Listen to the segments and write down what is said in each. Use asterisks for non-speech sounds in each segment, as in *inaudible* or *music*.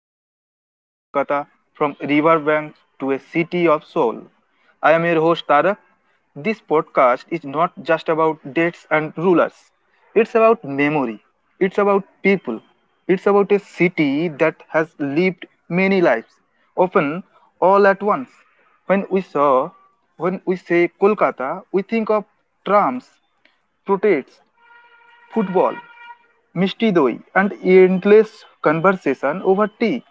To History of Kolkata, from riverbank to a city of soul. I am your host, Tarak. This podcast is not just about dates and rulers. It's about memory. It's about people. It's about a city that has lived many lives, often all at once. When we saw when we say Kolkata, we think of trams, protests, football, Mishti doi and endless conversation over tea.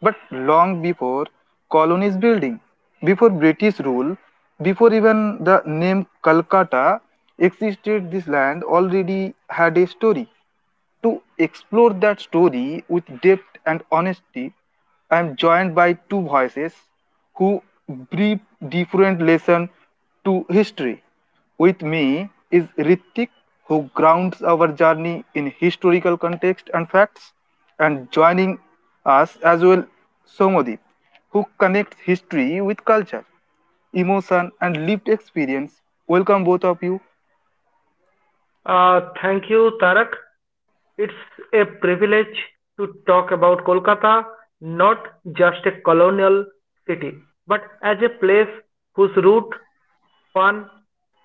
But long before colonies building, before British rule, before even the name Calcutta existed, this land already had a story. To explore that story with depth and honesty, I am joined by two voices who brief different lesson to history. With me is Ritik, who grounds our journey in historical context and facts, and joining us as well Somodip, who connects history with culture, emotion, and lived experience. Welcome both of you. Thank you, Tarak. It's a privilege to talk about Kolkata, not just a colonial city, but as a place whose root, fun,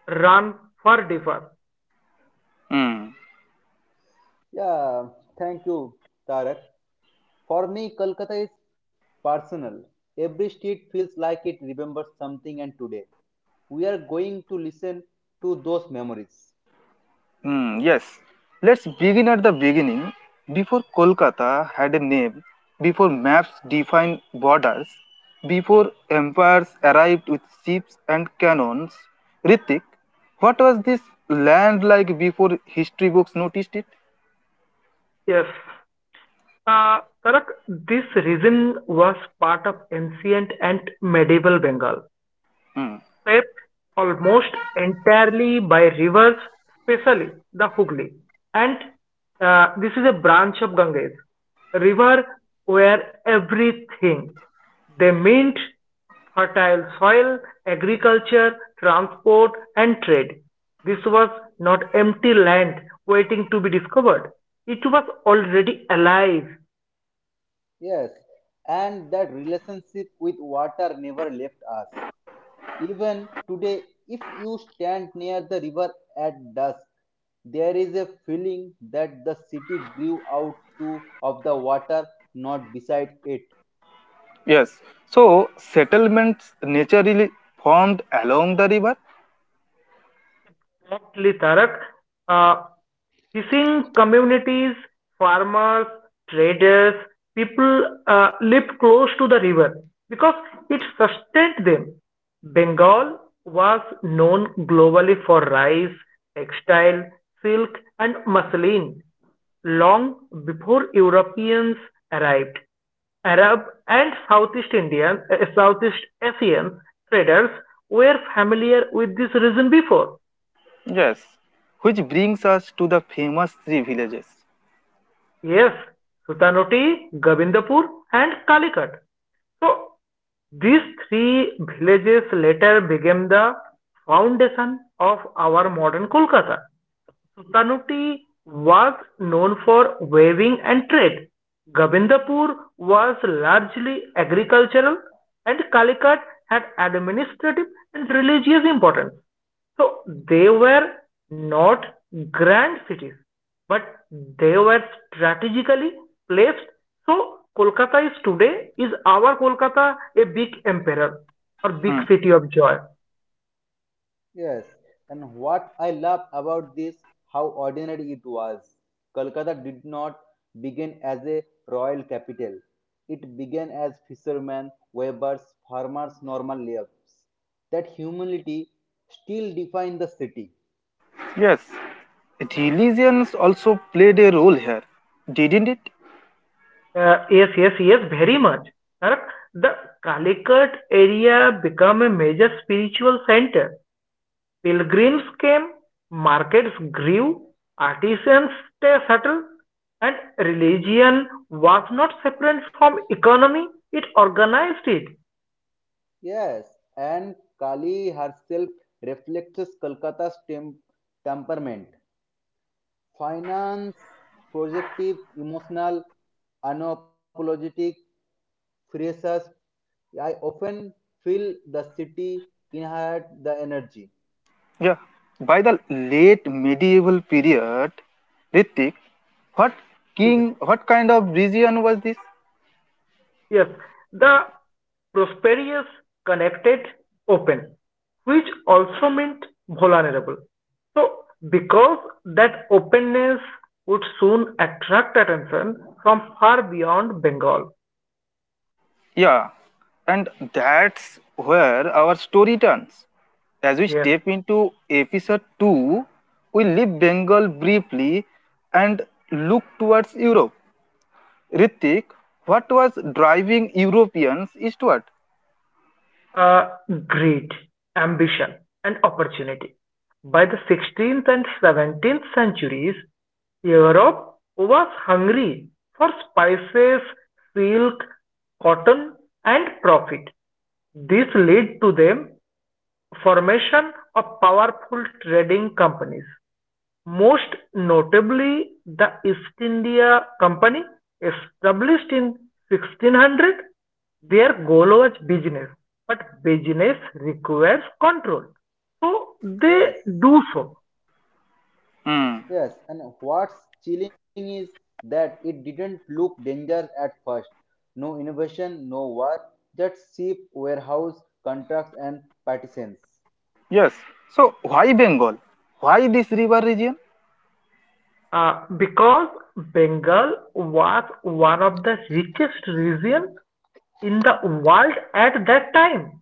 run far differ. Hmm. Yeah, thank you, Tarak. For me, Kolkata is personal. Every street feels like it remembers something, and today we are going to listen to those memories. Hmm, yes. Let's begin at the beginning. Before Kolkata had a name, before maps defined borders, before empires arrived with ships and cannons, Ritik, what was this land like before history books noticed it? Yes. Uh, Tarak, this region was part of ancient and medieval Bengal. Hmm, Swept almost entirely by rivers, especially the Hooghly, and this is a branch of Ganges, a river where everything they meant fertile soil, agriculture, transport, and trade. This was not empty land waiting to be discovered. It was already alive. Yes, and that relationship with water never left us. Even today, if you stand near the river at dusk, there is a feeling that the city grew out to of the water, not beside it. Yes. So settlements naturally formed along the river. Exactly, Tarak. Uh, Fishing communities, farmers, traders, people live close to the river because it sustained them. Bengal was known globally for rice, textile, silk, and muslin long before Europeans arrived. Arab and Southeast Indian, Southeast Asian traders were familiar with this region before. Yes. Which brings us to the famous three villages. Yes, Sutanoti, Govindapur, and Calicut. So, these three villages later became the foundation of our modern Kolkata. Sultanate was known for weaving and trade; Govindpur was largely agricultural; and Calicut had administrative and religious importance. So they were not grand cities, but they were strategically placed. So Kolkata is today, is our Kolkata a big emperor or big Hmm. city of joy? Yes, and what I love about this, how ordinary it was. Kolkata did not begin as a royal capital. It began as fishermen, weavers, farmers' normal lives. That humility still defines the city. Yes, religions also played a role here, didn't it? Yes, yes, yes, very much. Tarak, the Calicut area became a major spiritual center. Pilgrims came, markets grew, artisans settled, and religion was not separate from economy. It organized it. Yes, and Kali herself reflects Kolkata's temperament. Finance, projective, emotional, unapologetic, furious. I often feel the city inherit the energy. Yeah. By the late medieval period, Ritik, what what kind of religion was this? Yes, the Prosperous connected open, which also meant vulnerable. So, because that openness would soon attract attention from far beyond Bengal. Yeah, and that's where our story turns. As we Yes, step into episode 2, we leave Bengal briefly and look towards Europe. Ritik, what was driving Europeans eastward? uh, greed, ambition, and opportunity. By the 16th and 17th centuries, Europe was hungry for spices, silk, cotton, and profit. This led to the formation of powerful trading companies. Most notably the East India Company, established in 1600. Their goal was business, but business requires control. So they Yes, do so. Hmm. yes. And what's chilling is that it didn't look dangerous at first. No innovation, no war, just cheap warehouse contracts and partisans. Yes. So, why Bengal? Why this river region? Because Bengal was one of the richest region in the world at that time.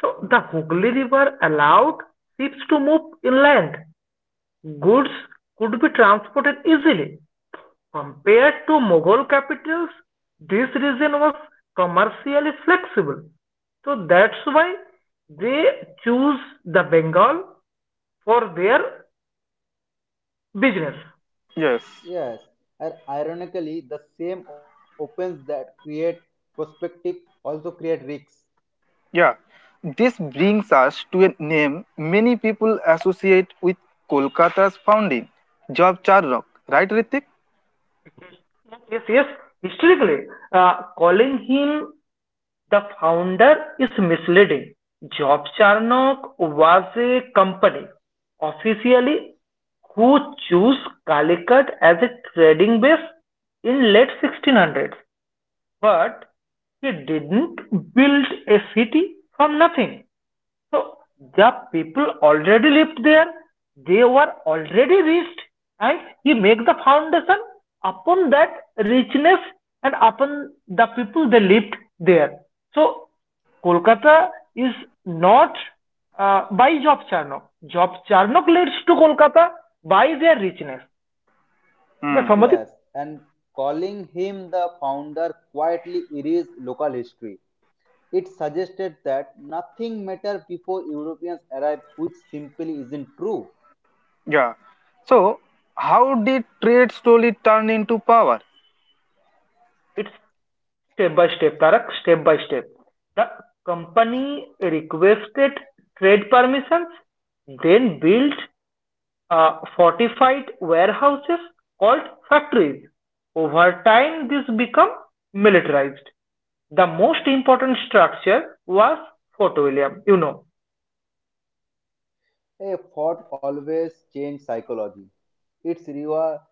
So the Hooghly River allowed ships to move inland. Goods could be transported easily. Compared to Mughal capitals, this region was commercially flexible, so that's why they choose the Bengal for their business. Yes. Yes, and ironically, the same opens that create prospective also create risks. Yeah. This brings us to a name many people associate with Kolkata's founding, Job Charnock, right, Ritik? Yes, yes. Historically, calling him the founder is misleading. Job Charnock was a company officially who chose Calicut as a trading base in late 1600s. But he didn't build a city from nothing. So the people already lived there, they were already rich, and he made the foundation upon that richness and upon the people they lived there. So Kolkata is not by Job Charnock. Job Charnock leads to Kolkata by their richness. Okay, Hmm. Samadhi, Yes, and calling him the founder quietly erased local history. It suggested that nothing mattered before Europeans arrived, which simply isn't true. Yeah. So, how did trade slowly turn into power? it's step by step, Tarak, step by step. The company requested trade permissions, then built fortified warehouses called factories. Over time, this became militarized. The most important structure was Fort William. You know, A thought always changed psychology. It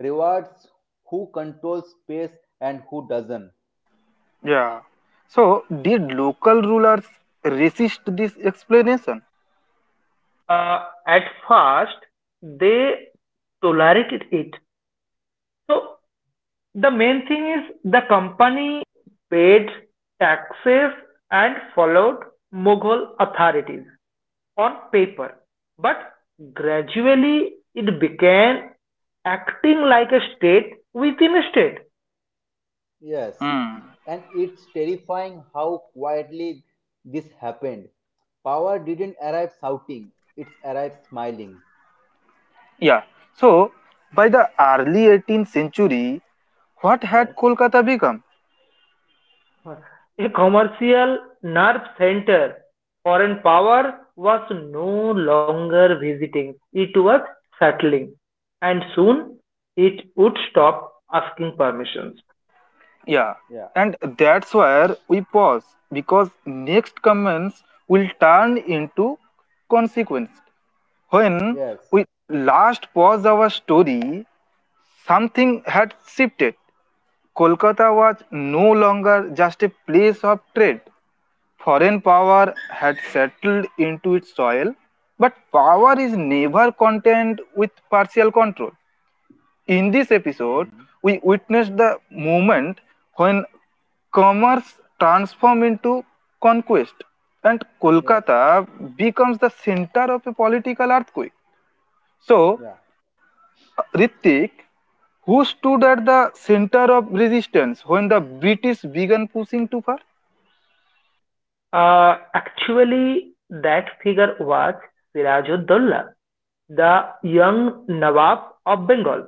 rewards who controls space and who doesn't. Yeah. So, did local rulers resist this explanation? uh, at first they tolerated it. So the main thing is the company paid taxes and followed Mughal authorities on paper, but gradually it began acting like a state within a state. Yes, Hmm. and it's terrifying how quietly this happened. Power didn't arrive shouting; it arrived smiling. Yeah. So, by the early 18th century, what had Yes. Kolkata become? A commercial nerve center. Foreign power was no longer visiting, it was settling, and soon it would stop asking permissions. Yeah, Yeah. and that's where we pause because next comments will turn into consequence. When Yes. we last paused our story, something had shifted. Kolkata was no longer just a place of trade. Foreign power had settled into its soil, but power is never content with partial control. In this episode, Mhm. we witnessed the moment when commerce transformed into conquest and Yes. Kolkata becomes the center of a political earthquake. So, Yeah. Ritik, who stood at the center of resistance when the British began pushing too far? Actually, that figure was Sirajuddaula, the young Nawab of Bengal.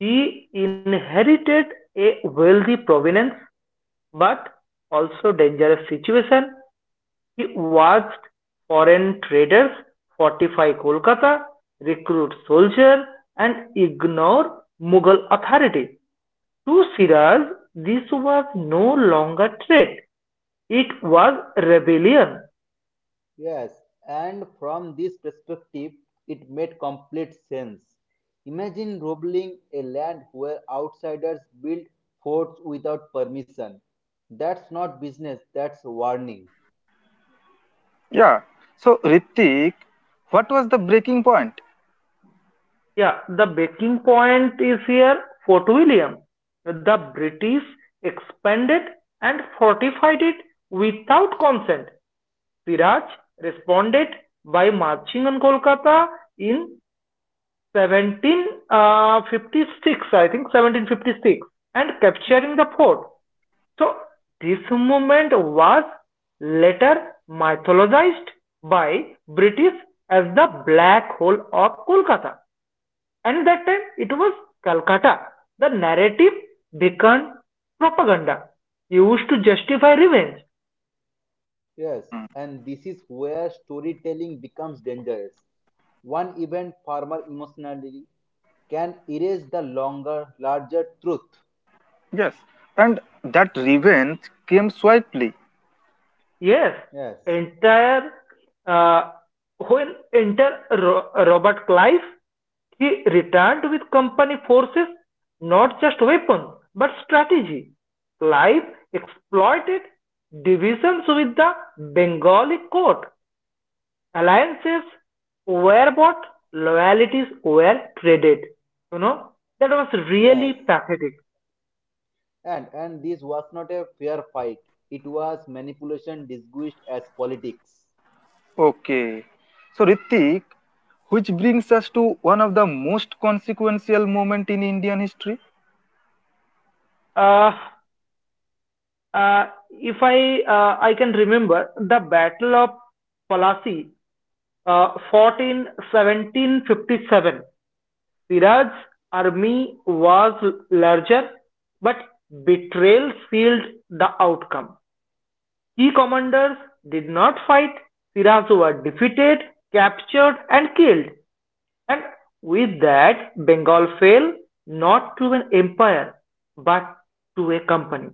He inherited a wealthy provenance but also dangerous situation. He watched foreign traders fortify Kolkata, recruit soldiers, and ignore Mughal authority. To Siraj, this was no longer threat; it was rebellion. Yes, and from this perspective, it made complete sense. Imagine ruling a land where outsiders build forts without permission. That's not business, that's warning. Yeah. So, Ritik, what was the breaking point? Yeah, the breaking point is here, Fort William. The British expanded and fortified it without consent. Siraj responded by marching on Kolkata in 1756, I think 1756, and capturing the fort. So, this movement was later mythologized by British as the Black Hole of Kolkata. And that time it was Calcutta. The narrative became propaganda used to justify revenge. Yes, Hmm. and this is where storytelling becomes dangerous. One event farmer emotionally can erase the longer, larger truth. Yes. And that revenge came swiftly. Yes, Yes, entire uh, when enter Robert Clive, he returned with company forces, not just weapons but strategy. Clive exploited divisions with the Bengali court, alliances were bought, loyalties were traded. You know, that was yes. really pathetic. And this was not a fair fight. It was manipulation disguised as politics. Okay. So, Ritik, which brings us to one of the most consequential moment in Indian history. Uh, uh, if I can remember the Battle of Palasi, fought in 1757. Siraj's army was larger, but betrayal sealed the outcome. Key commanders did not fight. Siraj were defeated, captured, and killed. And with that, Bengal fell not to an empire but to a company.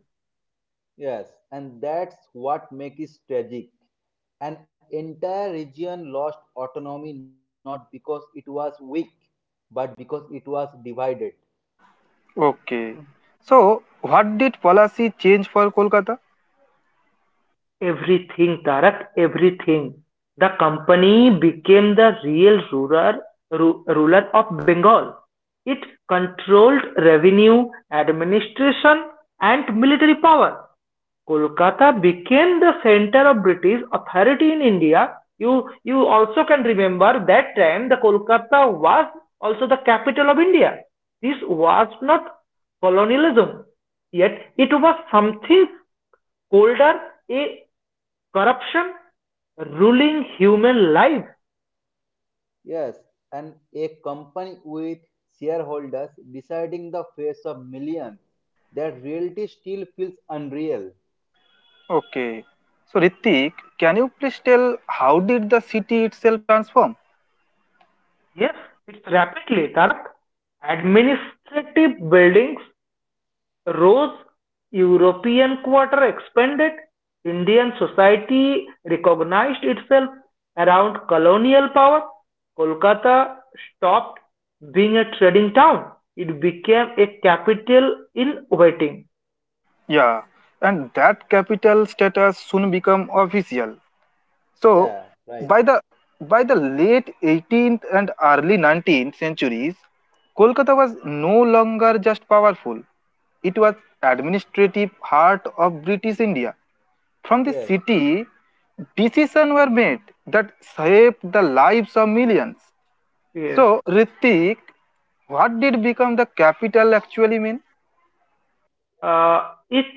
Yes, and that's what makes it tragic. An entire region lost autonomy not because it was weak, but because it was divided. Okay. So, what did policy change for Kolkata? Everything, Tarak, everything. The company became the real ruler, ruler of Bengal. It controlled revenue, administration, and military power. Kolkata became the center of British authority in India. You also can remember that time the Kolkata was also the capital of India. This was not colonialism, yet it was something colder, a corruption ruling human life. Yes, and a company with shareholders deciding the face of millions. That reality still feels unreal. Okay. So, Ritik, can you please tell how did the city itself transform? Yes, it's rapidly, Tarak. Administrative buildings rose, European quarter expanded, Indian society recognized itself around colonial power. Kolkata stopped being a trading town, it became a capital in waiting. Yeah. And that capital status soon become official. So Yeah, right. by the by the late 18th and early 19th centuries, Kolkata was no longer just powerful. It was administrative heart of British India. From the Yes. city, decisions were made that saved the lives of millions. Yes. So Ritik, what did become the capital actually mean? Uh, it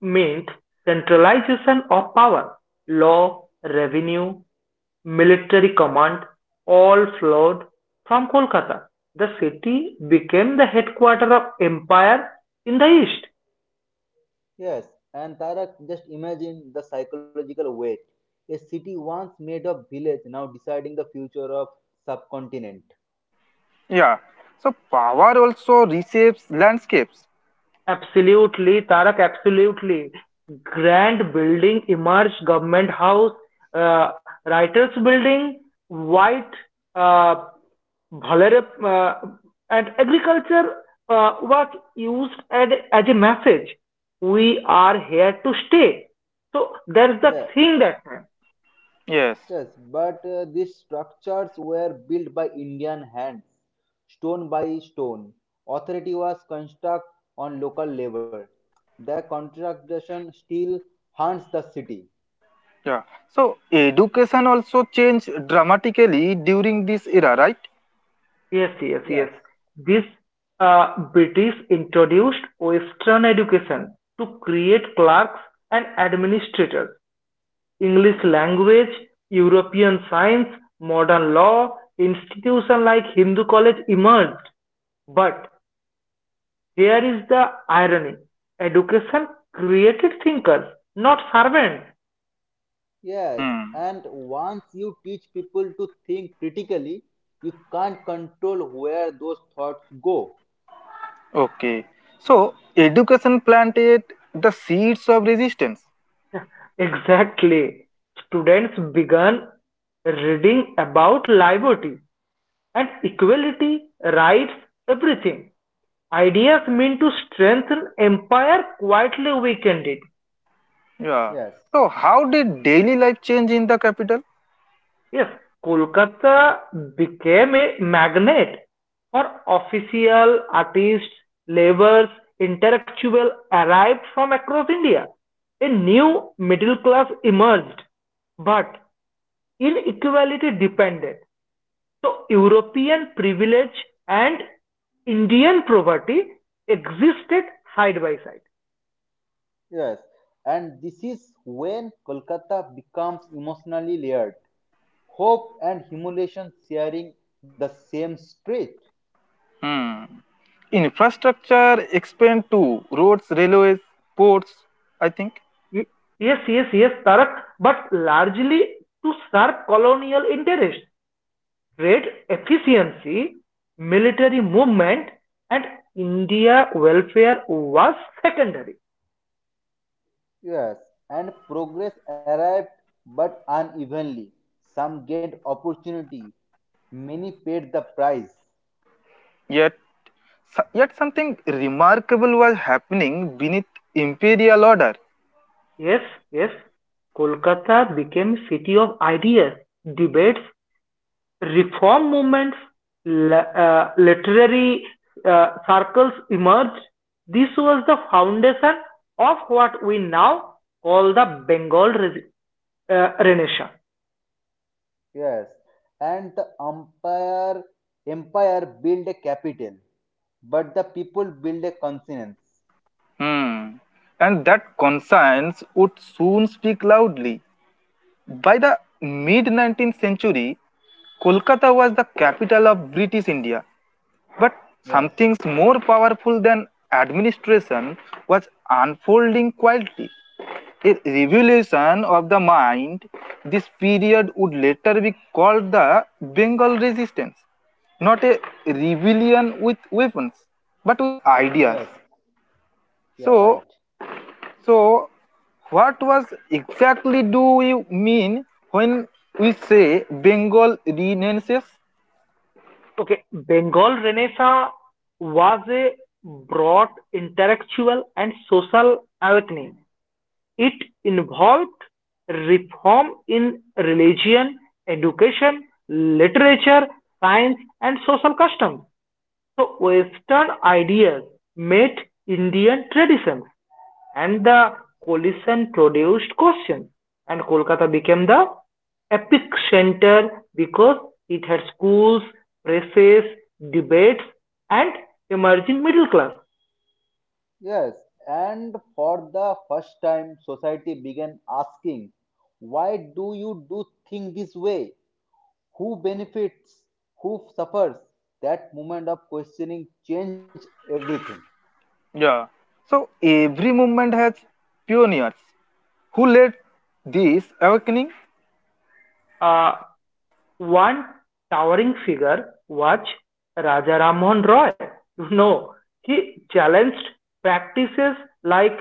meant centralization of power, law, revenue, military command all flowed from Kolkata. The city became the headquarters of empire in the east. Yes, and Tarak, just imagine the psychological weight. A city once made of village now deciding the future of subcontinent. Yeah. So power also reshapes landscapes. Absolutely, Tarak, absolutely. Grand building emerged, government house, uh, writers building, white, uh, uh, and agriculture was used as a message. We are here to stay. So that's the Yeah, thing that time. Yes. yes, but these structures were built by Indian hands, stone by stone. Authority was construct on local labor. Their contradiction still haunts the city. Yeah. So education also changed dramatically during this era, right? Yes, yes, Yes, yes. This uh, British introduced Western education to create clerks and administrators. English language, European science, modern law, institution like Hindu college emerged. But here is the irony. Education created thinkers, not servants. yes, Hmm. and once you teach people to think critically, you can't control where those thoughts go. Okay. So education planted the seeds of resistance. *laughs* Exactly. Students began reading about liberty and equality, rights, everything. Ideas meant to strengthen empire quietly weakened it. Yeah. Yes, So how did daily life change in the capital? Yes, Kolkata became a magnet for official, artists, laborers, intellectuals arrived from across India. A new middle class emerged, but inequality depended. So European privilege and Indian poverty existed side by side. yes. And this is when Kolkata becomes emotionally layered. Hope and humiliation sharing the same street. Hmm. Infrastructure expand to roads, railways, ports, I think. Yes, yes, yes, Tarak, but largely to serve colonial interests, trade efficiency, military movement, and India welfare was secondary. Yes, and progress arrived but unevenly. Some gained opportunity, many paid the price. Yet, Yet something remarkable was happening beneath imperial order. Yes, yes, Kolkata became city of ideas, debates, Reform movements, literary circles emerged. This was the foundation of what we now call the Bengal Renaissance. Yes, and the empire built a capital, but the people built a conscience. Hmm. And that conscience would soon speak loudly. By the mid 19th century, Kolkata was the capital of British India. But Yes, something more powerful than administration was unfolding quietly. A revolution of the mind, this period would later be called the Bengal Resistance. Not a rebellion with weapons, but with ideas. yes, yeah, right. So, so, what was exactly do we mean when we say Bengal Renaissance? Okay, Bengal Renaissance was a broad intellectual and social awakening. It involved reform in religion, education, literature, science, and social customs. So Western ideas met Indian traditions, and the collision produced questions, and Kolkata became the epic center because it had schools, presses, debates, and emerging middle class. Yes, and for the first time, society began asking, why do you do think this way? Who benefits? Who suffers? That moment of questioning changed everything. Yeah. So, every movement has pioneers who led this awakening. Uh, One towering figure was Raja Rammohn Roy. You know, he challenged practices like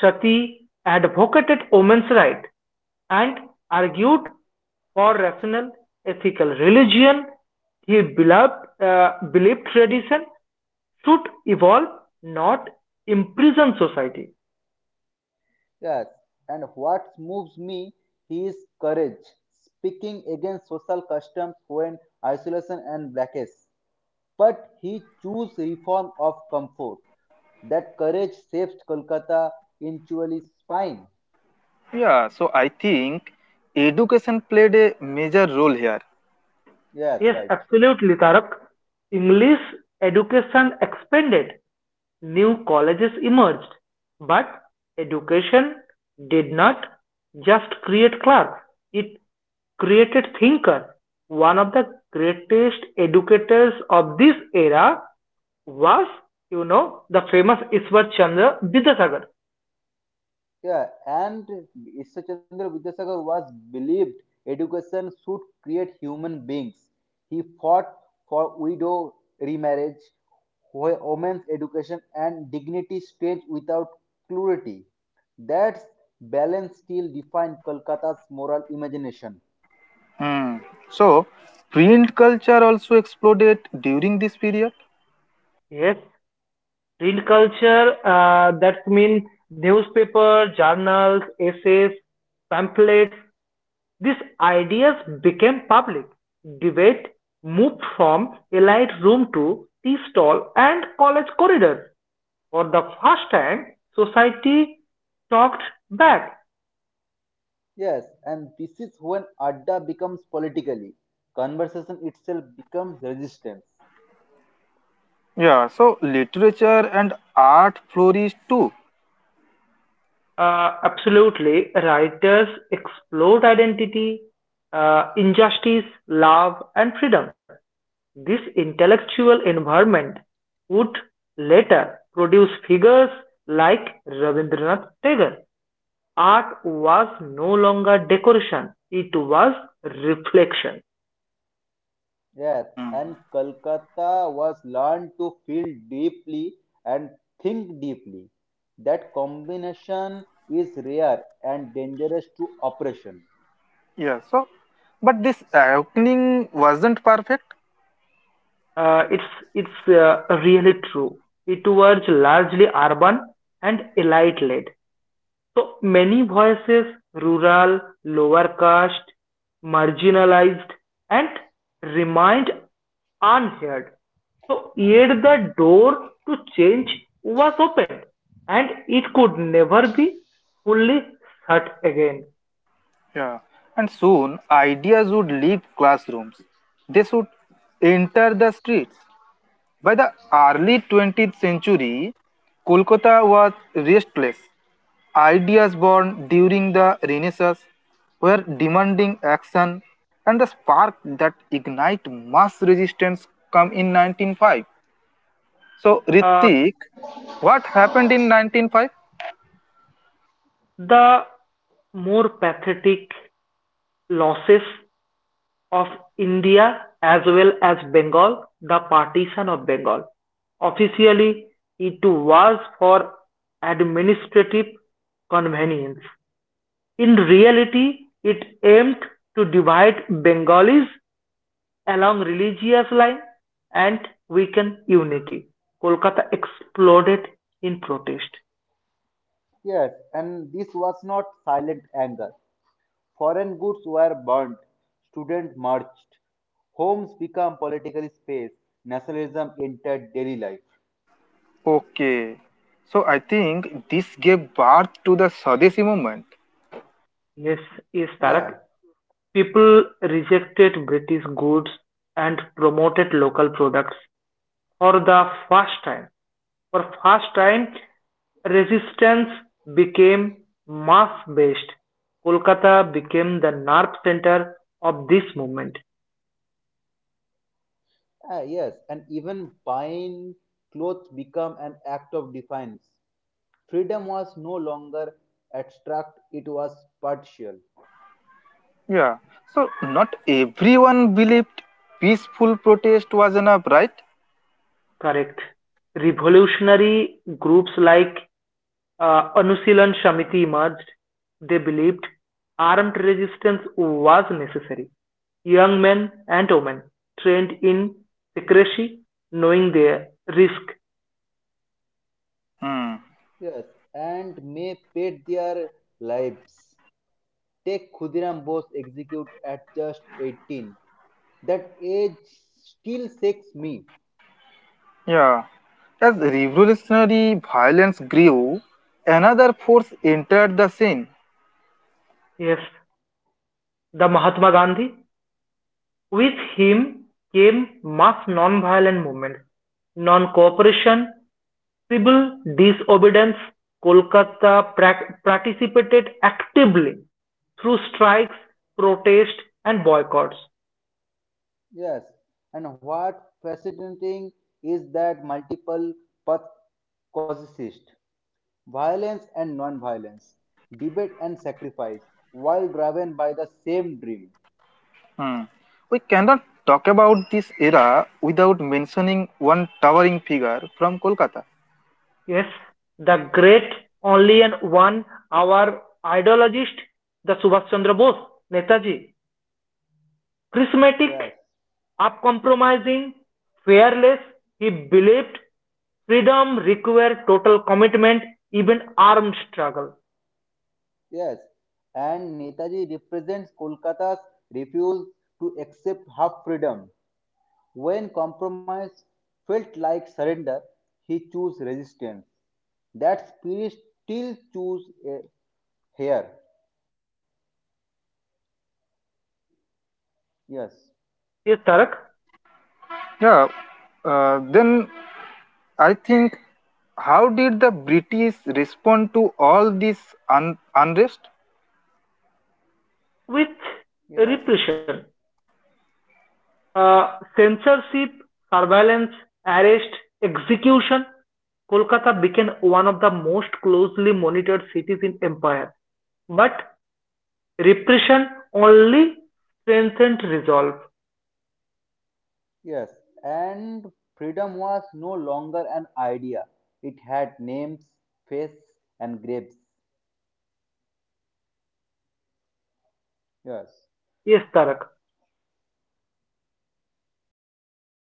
sati, advocated women's rights, and argued for rational, ethical religion. He believed tradition should evolve, not imprison society. Yes, and what moves me is courage, speaking against social customs when isolation and blackness. But he chose reform of comfort. That courage saved Kolkata eventually spine. Yeah. So I think education played a major role here. Yes, Yes, right. absolutely, Tarak. English education expanded, new colleges emerged, but education did not just create clerks, it created thinker. One of the greatest educators of this era was, you know, the famous Ishwar Chandra Vidyasagar. Yeah, and Ishchandra Vidyasagar was believed education should create human beings. He fought for widow remarriage, women's education, and dignity stage without cruelty. That balance still defined Kolkata's moral imagination. Hmm. So, print culture also exploded during this period. Yes, read culture, that means newspaper, journals, essays, pamphlets, these ideas became public debate moved from elite room to tea stall and college corridor. For the first time, society talked back. Yes, and this is when Adda becomes politically. Conversation itself becomes resistance. Yeah. So, literature and art flourished too. Absolutely, writers explored identity, injustice, love, and freedom. This intellectual environment would later produce figures like Rabindranath Tagore. Art was no longer decoration; it was reflection. Yes, and Calcutta was learned to feel deeply and think deeply. That combination is rare and dangerous to oppression. Yeah, so but this awakening wasn't perfect. It's really true. It was largely urban and elite led. So many voices, rural, lower caste, marginalized, and remained unheard. So yet the door to change was opened, and it could never be fully shut again. Yeah. And soon ideas would leave classrooms. They should enter the streets. By the early 20th century, Kolkata was restless. Ideas born during the Renaissance were demanding action and the spark that ignite mass resistance come in 1905. So Uh, Ritik, what happened in 1905? the more pathetic losses of India as well as Bengal, the partition of Bengal. Officially, it was for administrative convenience. In reality, it aimed to divide Bengalis along religious lines and weaken unity. Kolkata exploded in protest. Yes, and this was not silent anger. Foreign goods were burnt, students marched, homes became political space, nationalism entered daily life. Okay. So I think this gave birth to the Swadeshi movement. Yes, yes, Yeah, Tarak, people rejected British goods and promoted local products. For the first time, for first time, resistance became mass-based. Kolkata became the nerve center of this movement. ah, yes, and even buying clothes became an act of defiance. Freedom was no longer abstract, it was partial. Yeah. So not everyone believed peaceful protest was enough, right? Correct. Revolutionary groups like Anusilan Shamiti emerged. They believed armed resistance was necessary. Young men and women trained in secrecy, knowing their risk. Hmm. Yes, and may paid their lives. Take Khudiram Bose executed at just 18. That age still shakes me. Yeah. As revolutionary violence grew, another force entered the scene. Yes, the Mahatma Gandhi. With him came mass non-violent movements, non-cooperation, civil disobedience. Kolkata participated actively through strikes, protests, and boycotts. Yes, and what fascinating is that multiple paths coexist. Violence and non-violence, debate and sacrifice, while driven by the same dream. Hmm. We cannot talk about this era without mentioning one. Yes, the great only and one, our ideologist, the Subhash Chandra Bose, Netaji, charismatic, Yes. uncompromising, fearless, he believed freedom requires total commitment, even armed struggle. Yes, and Netaji represents Kolkata's refusal to accept half freedom. When compromise felt like surrender, he chose resistance. That spirit still choose here. Yes, Yes, Tarak, Yeah, then I think how did the British respond to all this unrest? with yeah, repression, uh, censorship, surveillance, arrest, execution, Kolkata became one of the most closely monitored cities in empire. But repression only strengthened resolve. yes. And freedom was no longer an idea. It had names, face, and graves. Yes. Yes, tarak, so